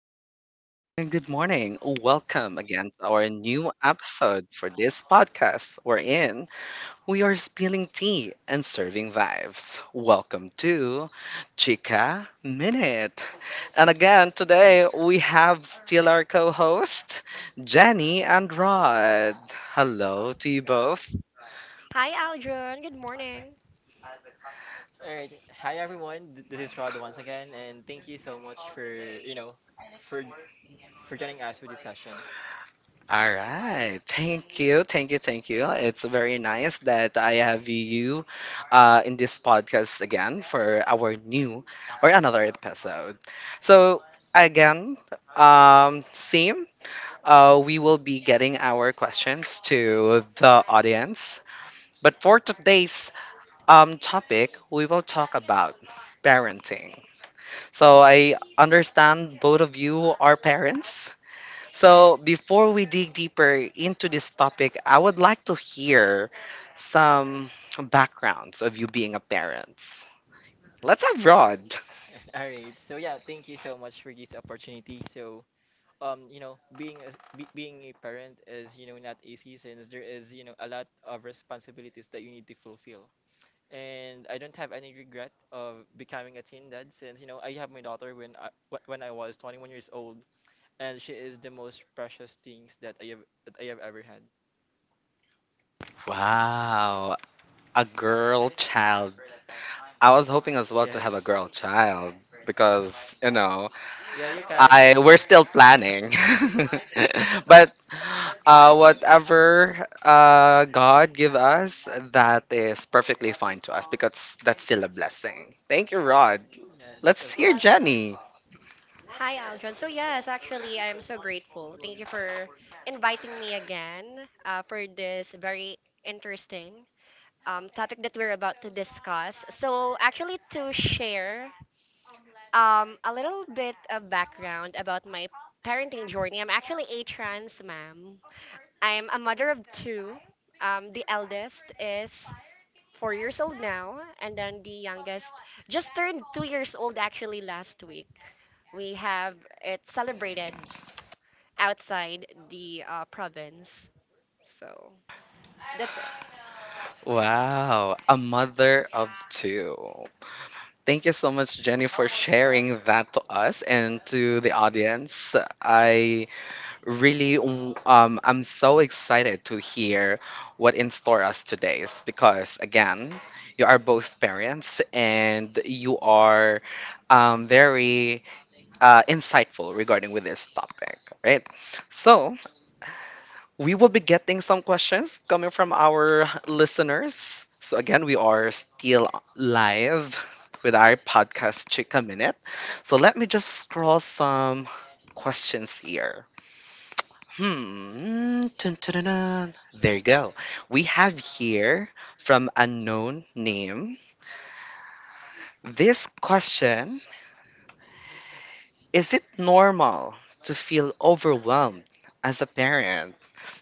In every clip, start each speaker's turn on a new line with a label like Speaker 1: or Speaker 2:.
Speaker 1: Good morning, good morning, good morning. Welcome again to our new episode for this podcast we're in. We are spilling tea and serving vibes. Welcome to Chica Minute. And again, today we have still our co host, Jenny and Rod. Hello to you both.
Speaker 2: Hi, Aldrin. Good morning.
Speaker 3: All right. Hi everyone. This is Rod once again, and thank you so much for you know for for joining us for this session.
Speaker 1: All right. Thank you. Thank you. Thank you. It's very nice that I have you in this podcast again for our new or another episode. So, again, same. We will be getting our questions to the audience. But for today's topic, we will talk about parenting. So, I understand both of you are parents. So, before we dig deeper into this topic, I would like to hear some backgrounds of you being a parent. Let's have Rod.
Speaker 3: All right. So yeah, thank you so much for this opportunity. Being being a parent is not easy since there is a lot of responsibilities that you need to fulfill. And I don't have any regret of becoming a teen dad since I have my daughter when when I was 21 years old, and she is the most precious things that I have ever had.
Speaker 1: Wow. A girl child. I was hoping as well to have a
Speaker 3: Yes.
Speaker 1: girl child because, you know,
Speaker 3: Yeah, you can.
Speaker 1: I we're still planning. But whatever God give us, that is perfectly fine to us because that's still a blessing. Thank you, Rod.
Speaker 3: Yes, of
Speaker 1: Let's hear
Speaker 3: course.
Speaker 1: Jenny.
Speaker 2: Hi, Aldrin. So, yes, actually, I am so grateful. Thank you for inviting me again for this very interesting topic that we're about to discuss. So, actually, to share a little bit of background about my parenting journey, I'm actually a trans mom. I'm a mother of two. The eldest is 4 years old now, and then the youngest just turned 2 years old actually last week. We have it celebrated outside the province. So that's it.
Speaker 1: Wow, a mother of two. Thank you so much, Jenny, for sharing that to us and to the audience. I'm so excited to hear what in store us today is because, again, you are both parents and you are very insightful regarding with this topic, right? So we will be getting some questions coming from our listeners. So again, we are still live with our podcast Chica Minute. So let me just scroll some questions here. Hmm. Dun, dun, dun, dun. There you go. We have here from unknown name. This question: is it normal to feel overwhelmed as a parent?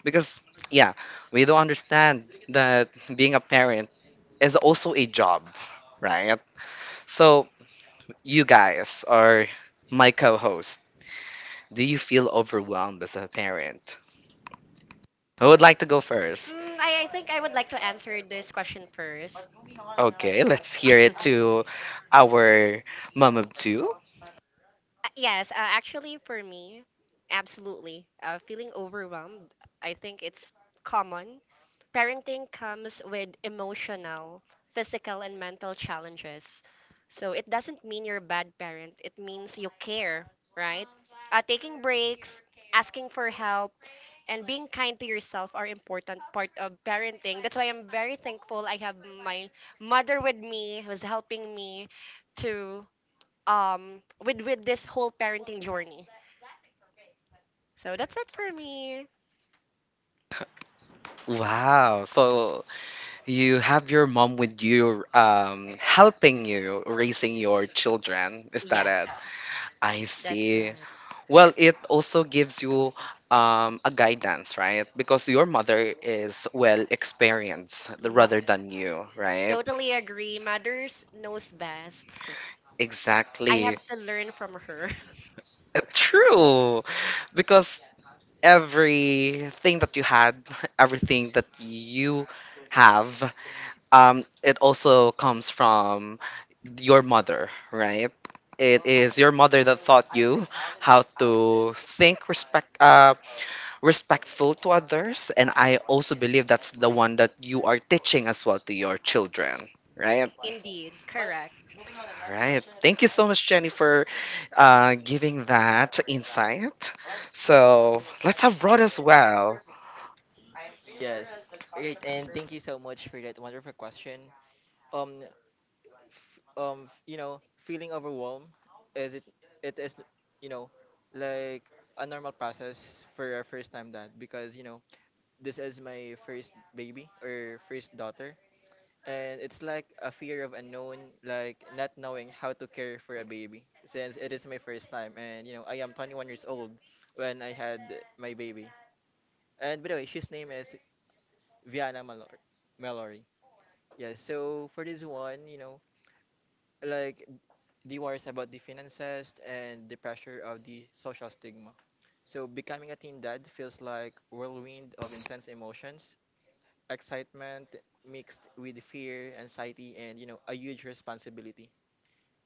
Speaker 1: Because, yeah, we don't understand that being a parent is also a job, right? So, you guys are my co host. Do you feel overwhelmed as a parent? Who would like to go first?
Speaker 2: I think I would like to answer this question first.
Speaker 1: Okay, let's hear it to our mom of two.
Speaker 2: Yes, actually, for me, absolutely. Feeling overwhelmed, I think it's common. Parenting comes with emotional, physical, and mental challenges. So it doesn't mean you're a bad parent, it means you care, right? Taking breaks, asking for help, and being kind to yourself are important part of parenting. That's why I'm very thankful I have my mother with me who's helping me to with this whole parenting journey. So that's it for me.
Speaker 1: Wow. So you have your mom with you, helping you raising your children. Is that it?
Speaker 2: Yes,
Speaker 1: I
Speaker 2: that's
Speaker 1: see.
Speaker 2: right.
Speaker 1: Well, it also gives you a guidance, right? Because your mother is well experienced
Speaker 2: Ma-
Speaker 1: rather than you, right?
Speaker 2: Totally agree. Mothers knows best. So I
Speaker 1: Exactly.
Speaker 2: have to learn from her.
Speaker 1: True, because everything that you had, everything that you have, it also comes from your mother, right? It is your mother that taught you how to think respect, respectful to others, and I also believe that's the one that you are teaching as well to your children, right?
Speaker 2: Indeed, correct.
Speaker 1: All right. Thank you so much, Jenny, for giving that insight. So let's have Rod as well.
Speaker 3: Yes. Great, and thank you so much for that wonderful question. Um, f- um, f- you know, feeling overwhelmed is it? It is, you know, like a normal process for a first time dad because this is my first baby or first daughter, and it's like a fear of unknown, like not knowing how to care for a baby since it is my first time, and you know I am 21 years old when I had my baby. And by the way, she's name is Viana Malor Mallory. Yes. So for this one, you know, like the worries about the finances and the pressure of the social stigma. So becoming a teen dad feels like whirlwind of intense emotions, excitement mixed with fear, anxiety, and you know, a huge responsibility.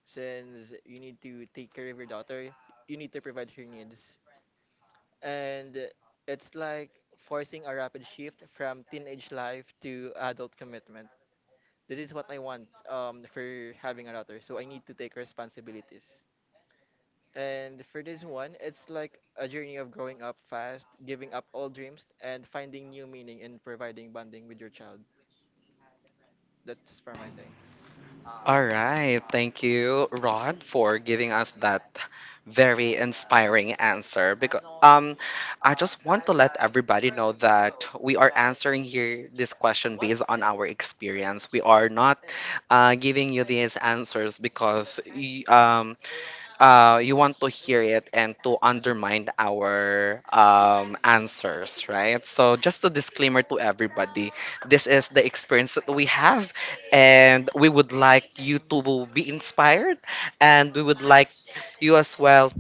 Speaker 3: Since you need to take care of your daughter, you need to provide her needs and it's like forcing a rapid shift from teenage life to adult commitment. This is what I want for having a daughter, so I need to take responsibilities. And for this one, it's like a journey of growing up fast, giving up old dreams, and finding new meaning in providing bonding with your child. That's for my take.
Speaker 1: All right. Thank you, Rod, for giving us that very inspiring answer. Because I just want to let everybody know that we are answering here this question based on our experience. We are not giving you these answers because you want to hear it and to undermine our answers, right? So, just a disclaimer to everybody, this is the experience that we have, and we would like you to be inspired, and we would like you as well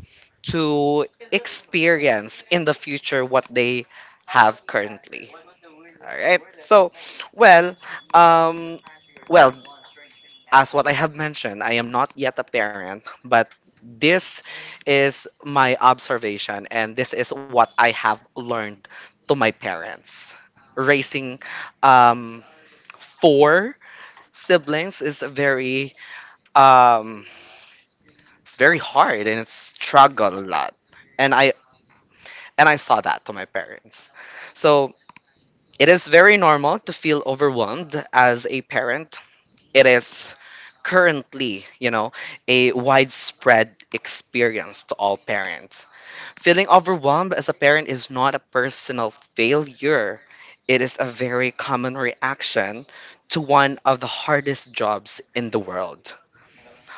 Speaker 1: to experience in the future what they have currently. All right. So, well, um, well, as what I have mentioned, I am not yet a parent, but this is my observation and this is what I have learned to my parents. Raising um, four siblings is very um, it's very hard and it's struggle a lot. And I and I saw that to my parents. So it is very normal to feel overwhelmed as a parent. It is currently, you know, a widespread experience to all parents. Feeling overwhelmed as a parent is not a personal failure. It is a very common reaction to one of the hardest jobs in the world.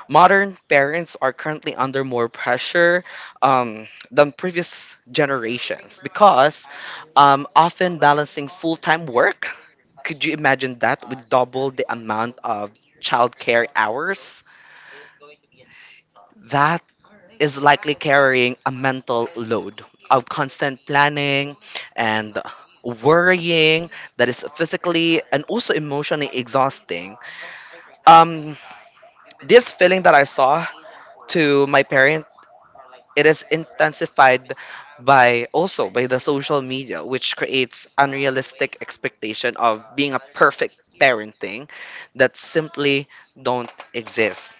Speaker 1: Modern parents are currently under more pressure than previous generations because, often balancing full-time work, could you imagine that, with double the amount of childcare hours that is likely carrying a mental load of constant planning and worrying that is physically and also emotionally exhausting. um this feeling that I saw to my parents, it is intensified by also by the social media, which creates unrealistic expectation of being a perfect parenting that simply don't exist.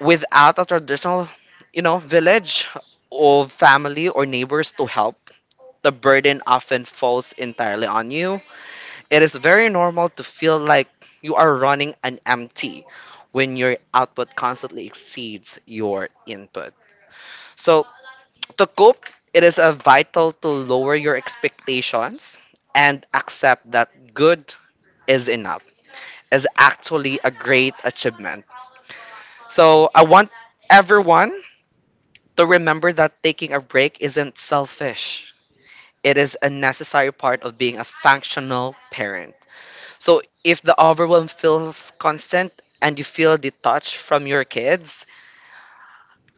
Speaker 1: Without a traditional, you know, village or family or neighbors to help, the burden often falls entirely on you. It is very normal to feel like you are running an empty when your output constantly exceeds your input. So to cope, it is a vital to lower your expectations and accept that good is enough is actually a great achievement. So I want everyone to remember that taking a break isn't selfish. It is a necessary part of being a functional parent. So if the overwhelm feels constant and you feel detached from your kids,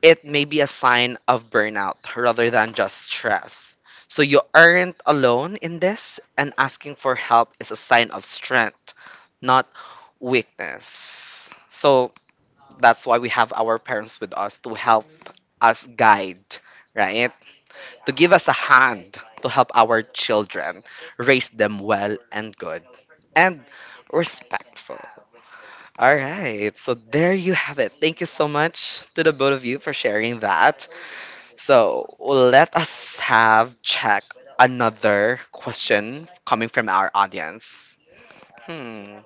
Speaker 1: it may be a sign of burnout rather than just stress. So you aren't alone in this, and asking for help is a sign of strength, not weakness. So that's why we have our parents with us to help as guide, right? To give us a hand to help our children raise them well and good and respectful. All right, so there you have it. Thank you so much to the both of you for sharing that. So let us have check another question coming from our audience. Hmm.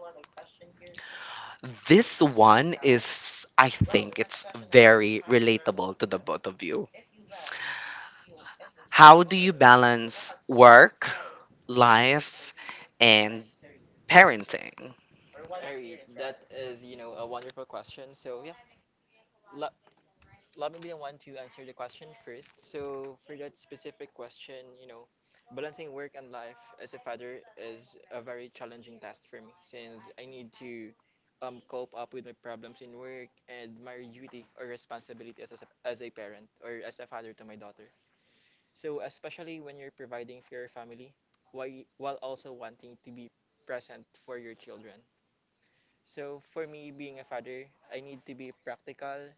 Speaker 1: This one is, I think, it's very relatable to the both of you. How do you balance work, life, and parenting?
Speaker 3: Alright, that is a wonderful question. So yeah, la. Let me be the one to answer the question first. So for that specific question, you know, balancing work and life as a father is a very challenging task for me since I need to cope up with my problems in work and my duty or responsibility as as a parent or as a father to my daughter. So especially when you're providing for your family while while also wanting to be present for your children. So for me, being a father, I need to be practical,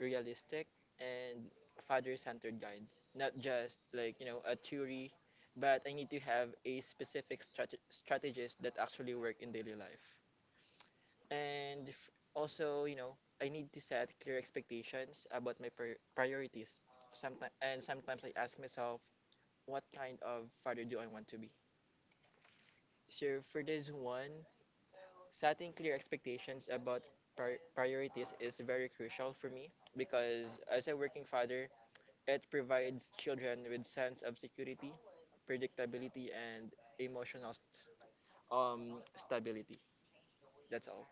Speaker 3: realistic, and a father-centered guide. Not just like a theory, but I need to have a specific strategies that actually work in daily life. And f- also, you know, I need to set clear expectations about my priorities. Sometimes I ask myself, what kind of father do I want to be? So for this one, setting clear expectations about priorities is very crucial for me because as a working father, it provides children with sense of security, predictability, and emotional stability. That's all.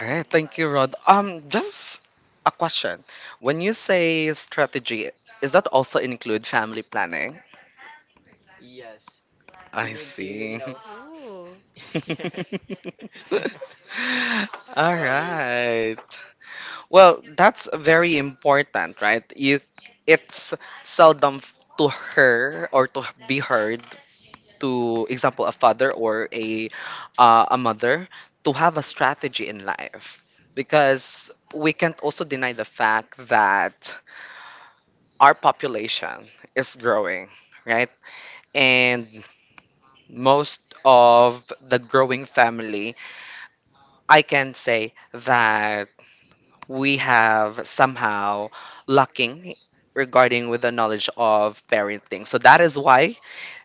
Speaker 1: All right, thank you, Rod. Just a question. When you say strategy, is that also include family planning?
Speaker 3: Yes, you
Speaker 1: I
Speaker 3: need to you
Speaker 1: see.
Speaker 3: know.
Speaker 2: Ooh,
Speaker 3: Yes.
Speaker 1: All
Speaker 3: There.
Speaker 1: right. Well, that's very important, right? You it's seldom to her or to be heard to example a father or a mother to have a strategy in life, because we can't also deny the fact that our population is growing, right? And most of the growing family, I can say that we have somehow lacking regarding with the knowledge of parenting. So that is why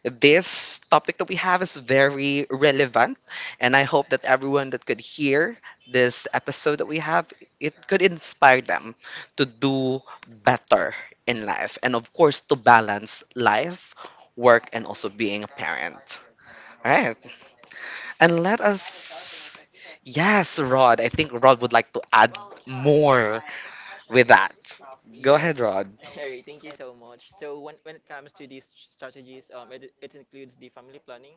Speaker 1: this topic that we have is very relevant, and I hope that everyone that could hear this episode that we have, it could inspire them to do better in life and of course to balance life, work, and also being a parent. All right. And let us, yes, Rod. I think Rod would like to add more with that. Go ahead,
Speaker 3: Yes.
Speaker 1: Rod.
Speaker 3: Harry, thank you so much. So when it comes to these strategies, it includes the family planning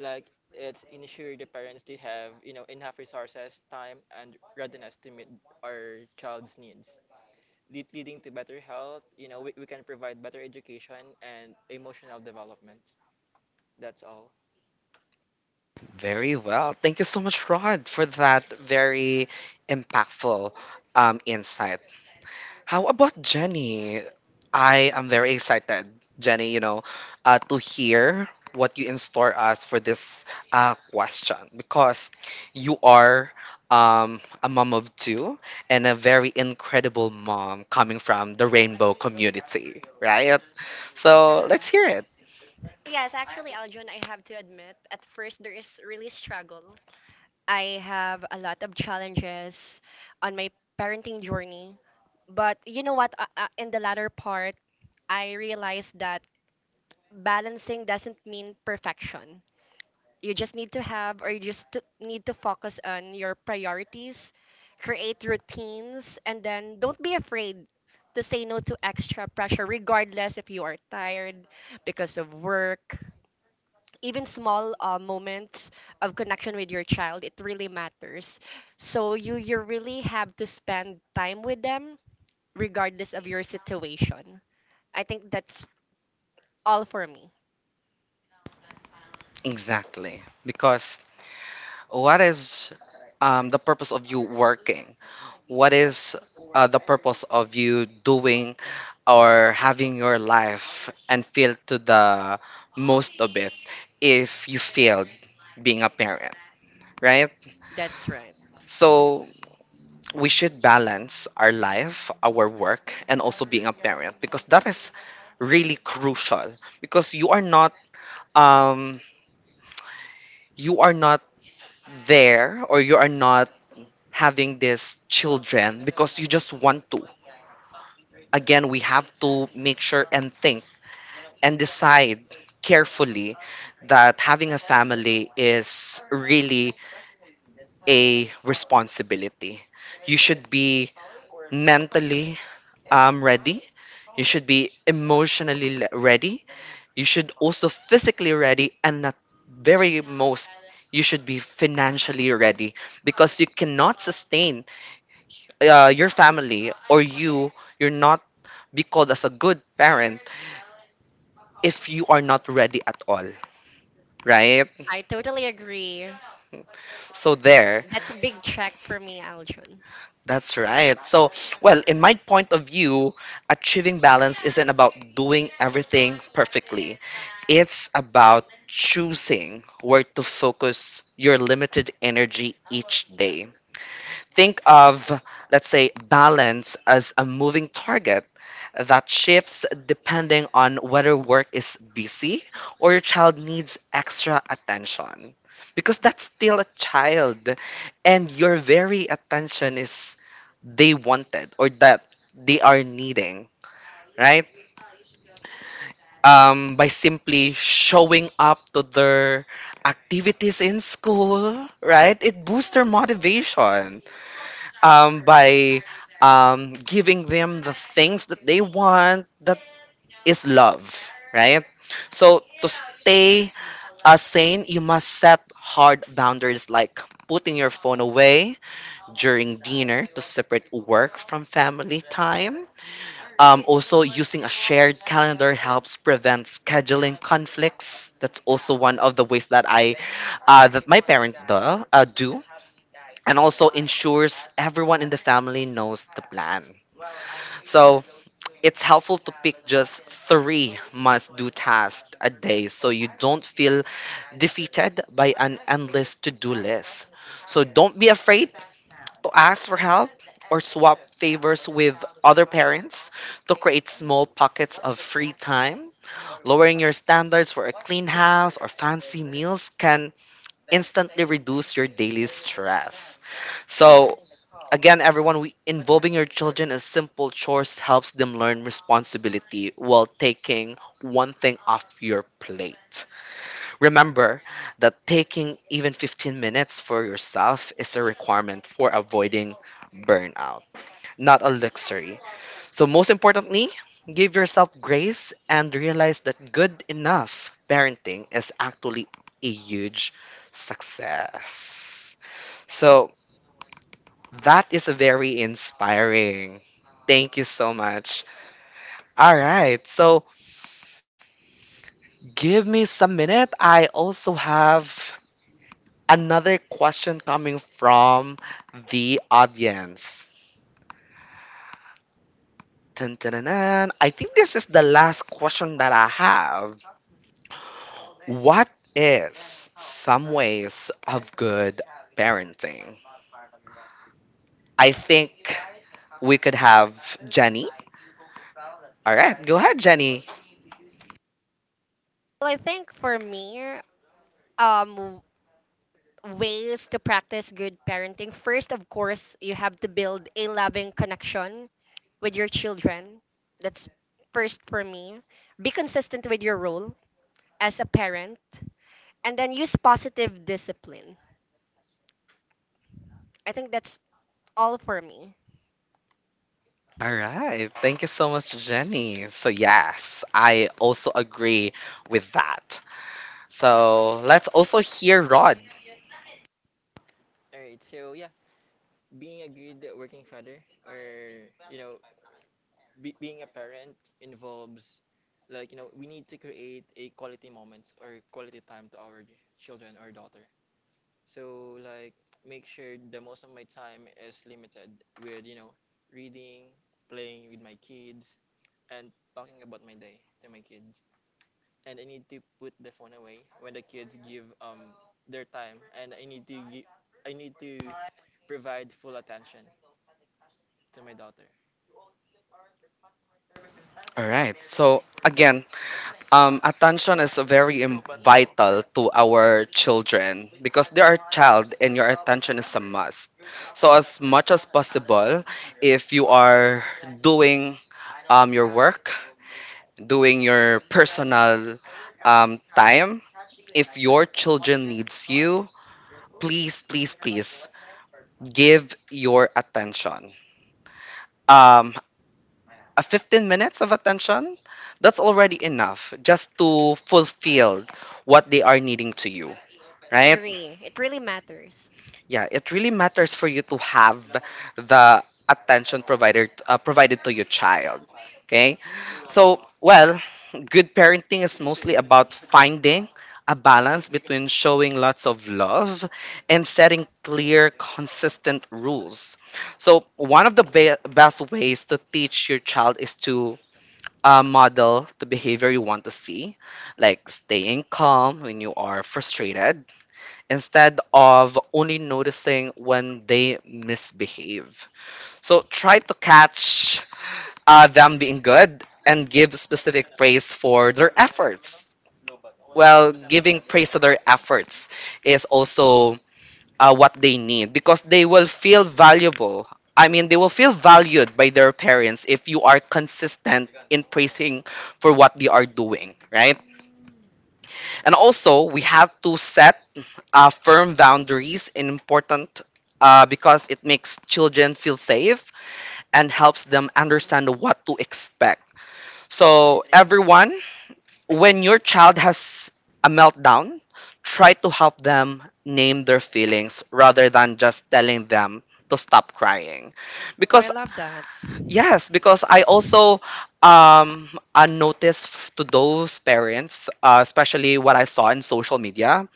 Speaker 3: like it's ensure the parents they have enough resources time and readiness to meet our child's needs. Leading to better health, you know we can provide better education and emotional development. That's all.
Speaker 1: Very well. Thank you so much, Rod, for that very impactful insight. How about Jenny? I am very excited, Jenny, you know, to hear what you in store us for this question because you are a mom of two and a very incredible mom coming from the rainbow community, right? So let's hear
Speaker 2: correct.
Speaker 1: it.
Speaker 2: Yes, actually, Aljon, I have to admit, at first there is really struggle. I have a lot of challenges on my parenting journey. But you know what? In the latter part, I realized that balancing doesn't mean perfection. You just need to have, or you just to- need to focus on your priorities, create routines, and then don't be afraid to say no to extra pressure, regardless if you are tired because of work. Even small moments of connection with your child, it really matters. So you really have to spend time with them regardless of your situation. I think that's all for me.
Speaker 1: Exactly. Because what is the purpose of you working? What is the purpose of you doing or having your life and feel to the most of it if you failed being a parent, right?
Speaker 2: That's right.
Speaker 1: So we should balance our life, our work, and also being a parent because that is really crucial. Because um you are not there or you are not having these children because you just want to, again, we have to make sure and think and decide carefully that having a family is really a responsibility. You should be mentally ready. You should be emotionally ready. You should also physically ready, and at very most, you should be financially ready because you cannot sustain your family, or you're not be called as a good parent if you are not ready at all, right?
Speaker 2: I totally agree.
Speaker 1: So there.
Speaker 2: That's a big check for me, Aljon.
Speaker 1: That's right. So, well, in my point of view, achieving balance isn't about doing everything perfectly. It's about choosing where to focus your limited energy each day. Think of, let's say, balance as a moving target that shifts depending on whether work is busy or your child needs extra attention. Because that's still a child, and your very attention is they wanted or that they are needing, right? By simply showing up to their activities in school, right? It boosts their motivation by giving them the things that they want, that is love, right? So to stay as sane, you must set hard boundaries like putting your phone away during dinner to separate work from family time. Also, using a shared calendar helps prevent scheduling conflicts. That's also one of the ways that that my parent do, and also ensures everyone in the family knows the plan. So it's helpful to pick just three must-do tasks a day, so you don't feel defeated by an endless to do list. So don't be afraid to ask for help or swap favors with other parents to create small pockets of free time. Lowering your standards for a clean house or fancy meals can instantly reduce your daily stress. So, again, everyone, involving your children in simple chores helps them learn responsibility while taking one thing off your plate. Remember that taking even 15 minutes for yourself is a requirement for avoiding burnout, not a luxury. So, most importantly, give yourself grace and realize that good enough parenting is actually a huge success. So, that is very inspiring. Thank you so much. All right, so give me some minute. I also have another question coming from the audience. Dun, dun, dun, dun. I think this is the last question that I have. What is some ways of good parenting? I think we could have Jenny. All right, go ahead, Jenny.
Speaker 2: Well, I think for me, um ways to practice good parenting. First, of course, you have to build a loving connection with your children. That's first for me. Be consistent with your role as a parent and then use positive discipline. I think that's all for me.
Speaker 1: All right, thank you so much, Jenny. So, yes, I also agree with that. So let's also hear Rod.
Speaker 3: All right, so yeah, being a good working father or being a parent involves like we need to create a quality moments or quality time to our children or daughter. So like make sure the most of my time is limited with, you know, reading, playing with my kids, and talking about my day to my kids. And I need to put the phone away when the kids give their time and I need to I need to provide full attention to my daughter.
Speaker 1: All right. So again, attention is very vital to our children because they are a child and your attention is a must. So as much as possible, if you are doing your work, doing your personal time, if your children needs you, please, please, please give your attention. Um, a 15 minutes of attention, that's already enough just to fulfill what they are needing to you, right?
Speaker 2: Agree. It really matters.
Speaker 1: Yeah, it really matters for you to have the attention provided to your child. Okay, so well, good parenting is mostly about finding a balance between showing lots of love and setting clear, consistent rules. So, one of the best ways to teach your child is to model the behavior you want to see, like staying calm when you are frustrated, instead of only noticing when they misbehave. So try to catch them being good and give specific praise for their efforts. Well, giving praise to their efforts is also what they need because they will feel valuable. I mean, they will feel valued by their parents if you are consistent in praising for what they are doing, right? And also, we have to set firm boundaries and important because it makes children feel safe and helps them understand what to expect. So, everyone when your child has a meltdown, try to help them name their feelings rather than just telling them to stop crying.
Speaker 2: Oh, I
Speaker 1: Because,
Speaker 2: love that.
Speaker 1: yes, because I also um I noticed to those parents, especially what I saw in social media,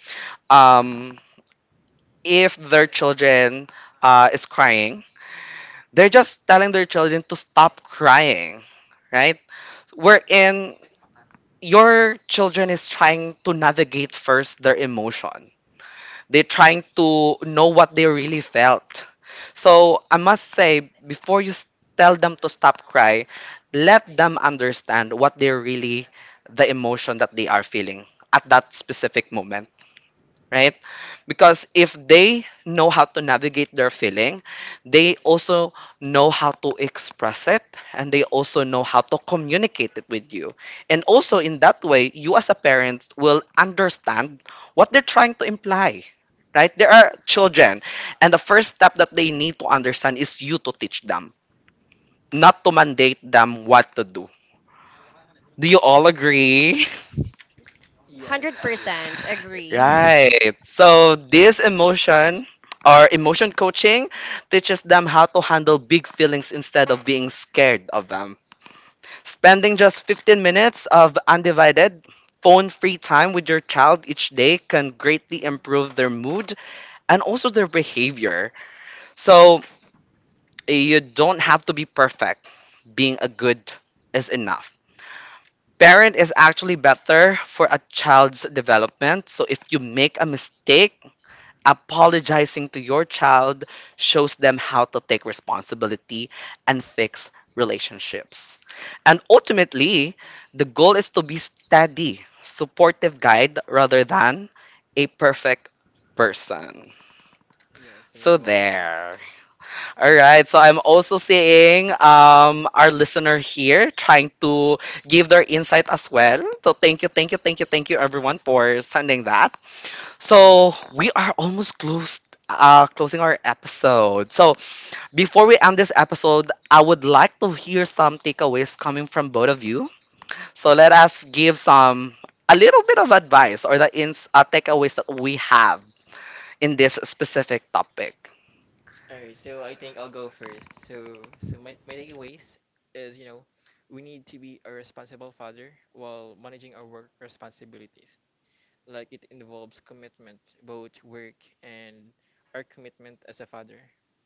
Speaker 1: um, if their children is crying, they're just telling their children to stop crying, right? We're in your children is trying to navigate first their emotion. They're trying to know what they really felt. So I must say, before you tell them to stop cry, let them understand what they really, the emotion that they are feeling at that specific moment right? Because if they know how to navigate their feeling, they also know how to express it and they also know how to communicate it with you. And also in that way, you as a parent will understand what they're trying to imply. Right? There are children, and the first step that they need to understand is you to teach them, not to mandate them what to do. Do you all agree?
Speaker 3: Yes, Aldrin.
Speaker 2: 100% agree.
Speaker 1: Right. So this emotion or emotion coaching teaches them how to handle big feelings instead of being scared of them. Spending just 15 minutes of undivided phone free time with your child each day can greatly improve their mood and also their behavior. So you don't have to be perfect. Being a good is enough. Parent is actually better for a child's development. So if you make a mistake, apologizing to your child shows them how to take responsibility and fix relationships. And ultimately, the goal is to be steady, supportive guide rather than a perfect person.
Speaker 3: Yes, very
Speaker 1: So
Speaker 3: well said.
Speaker 1: there. All right. So I'm also seeing our listener here trying to give their insight as well. So thank you, thank you, thank you, thank you, everyone, for sending that. So we are almost closing our episode. So before we end this episode, I would like to hear some takeaways coming from both of you. So let us give some a little bit of advice or the ins takeaways that we have in this specific topic.
Speaker 3: Alright, so I think I'll go first. So my takeaways is we need to be a responsible father while managing our work responsibilities. Like it involves commitment, both work and our commitment as a father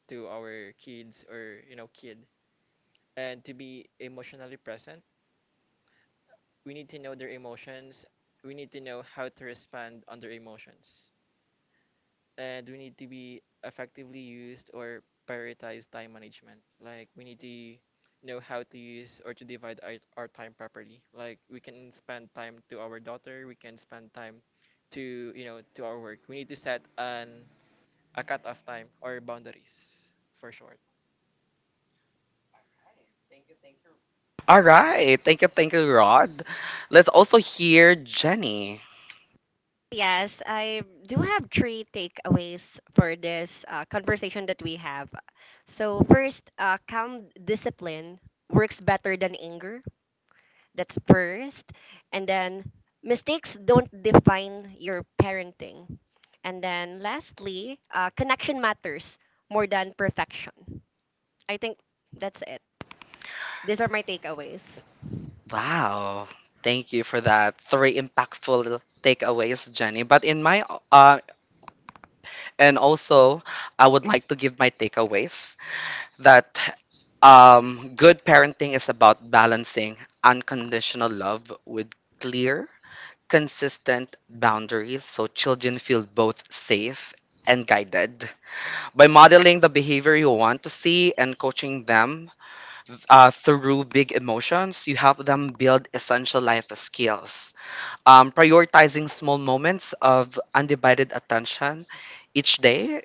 Speaker 3: to our kids or kid, and to be emotionally present. We need to know their emotions. We need to know how to respond on their emotions. And we need to be effectively used or prioritize time management. Like we need to know how to use or to divide our time properly. Like we can spend time to our daughter, we can spend time to to our work. We need to set an a cut off time or boundaries for short.
Speaker 1: All right, thank you, Rod. Let's also hear Jenny.
Speaker 2: Yes, I do have three takeaways for this conversation that we have. So first, calm discipline works better than anger. That's first. And then mistakes don't define your parenting. And then lastly, connection matters more than perfection. I think that's it. These are my takeaways.
Speaker 1: Wow, thank you for that three impactful takeaways, Jenny. But in my uh, And also, I would like to give my takeaways that good parenting is about balancing unconditional love with clear, consistent boundaries so children feel both safe and guided. By modeling the behavior you want to see and coaching them through big emotions, you help them build essential life skills prioritizing small moments of undivided attention each day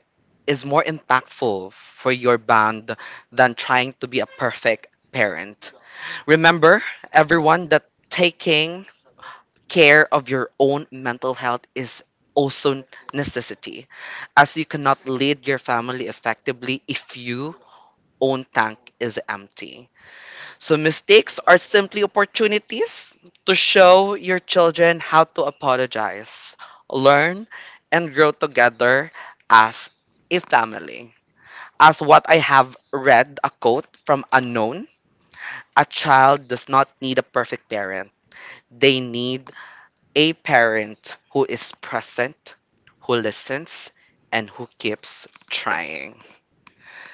Speaker 1: is more impactful for your bond than trying to be a perfect parent. Remember, everyone, that taking care of your own mental health is also necessity, as you cannot lead your family effectively if your own tank is empty. So mistakes are simply opportunities to show your children how to apologize, learn, and grow together as a family. As what I have read a quote from Unknown, a child does not need a perfect parent. They need a parent who is present, who listens, and who keeps trying.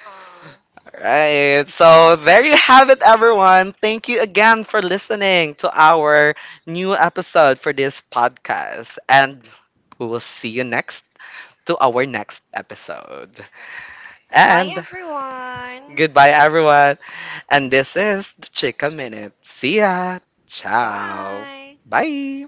Speaker 2: Aw.
Speaker 1: Right. So there you have it, everyone. Thank you again for listening to our new episode for this podcast. And we will see you next to our next episode.
Speaker 2: Bye
Speaker 1: And
Speaker 2: everyone.
Speaker 1: goodbye, everyone. And this is the Chica Minute. See ya. Ciao.
Speaker 2: Bye.
Speaker 1: Bye.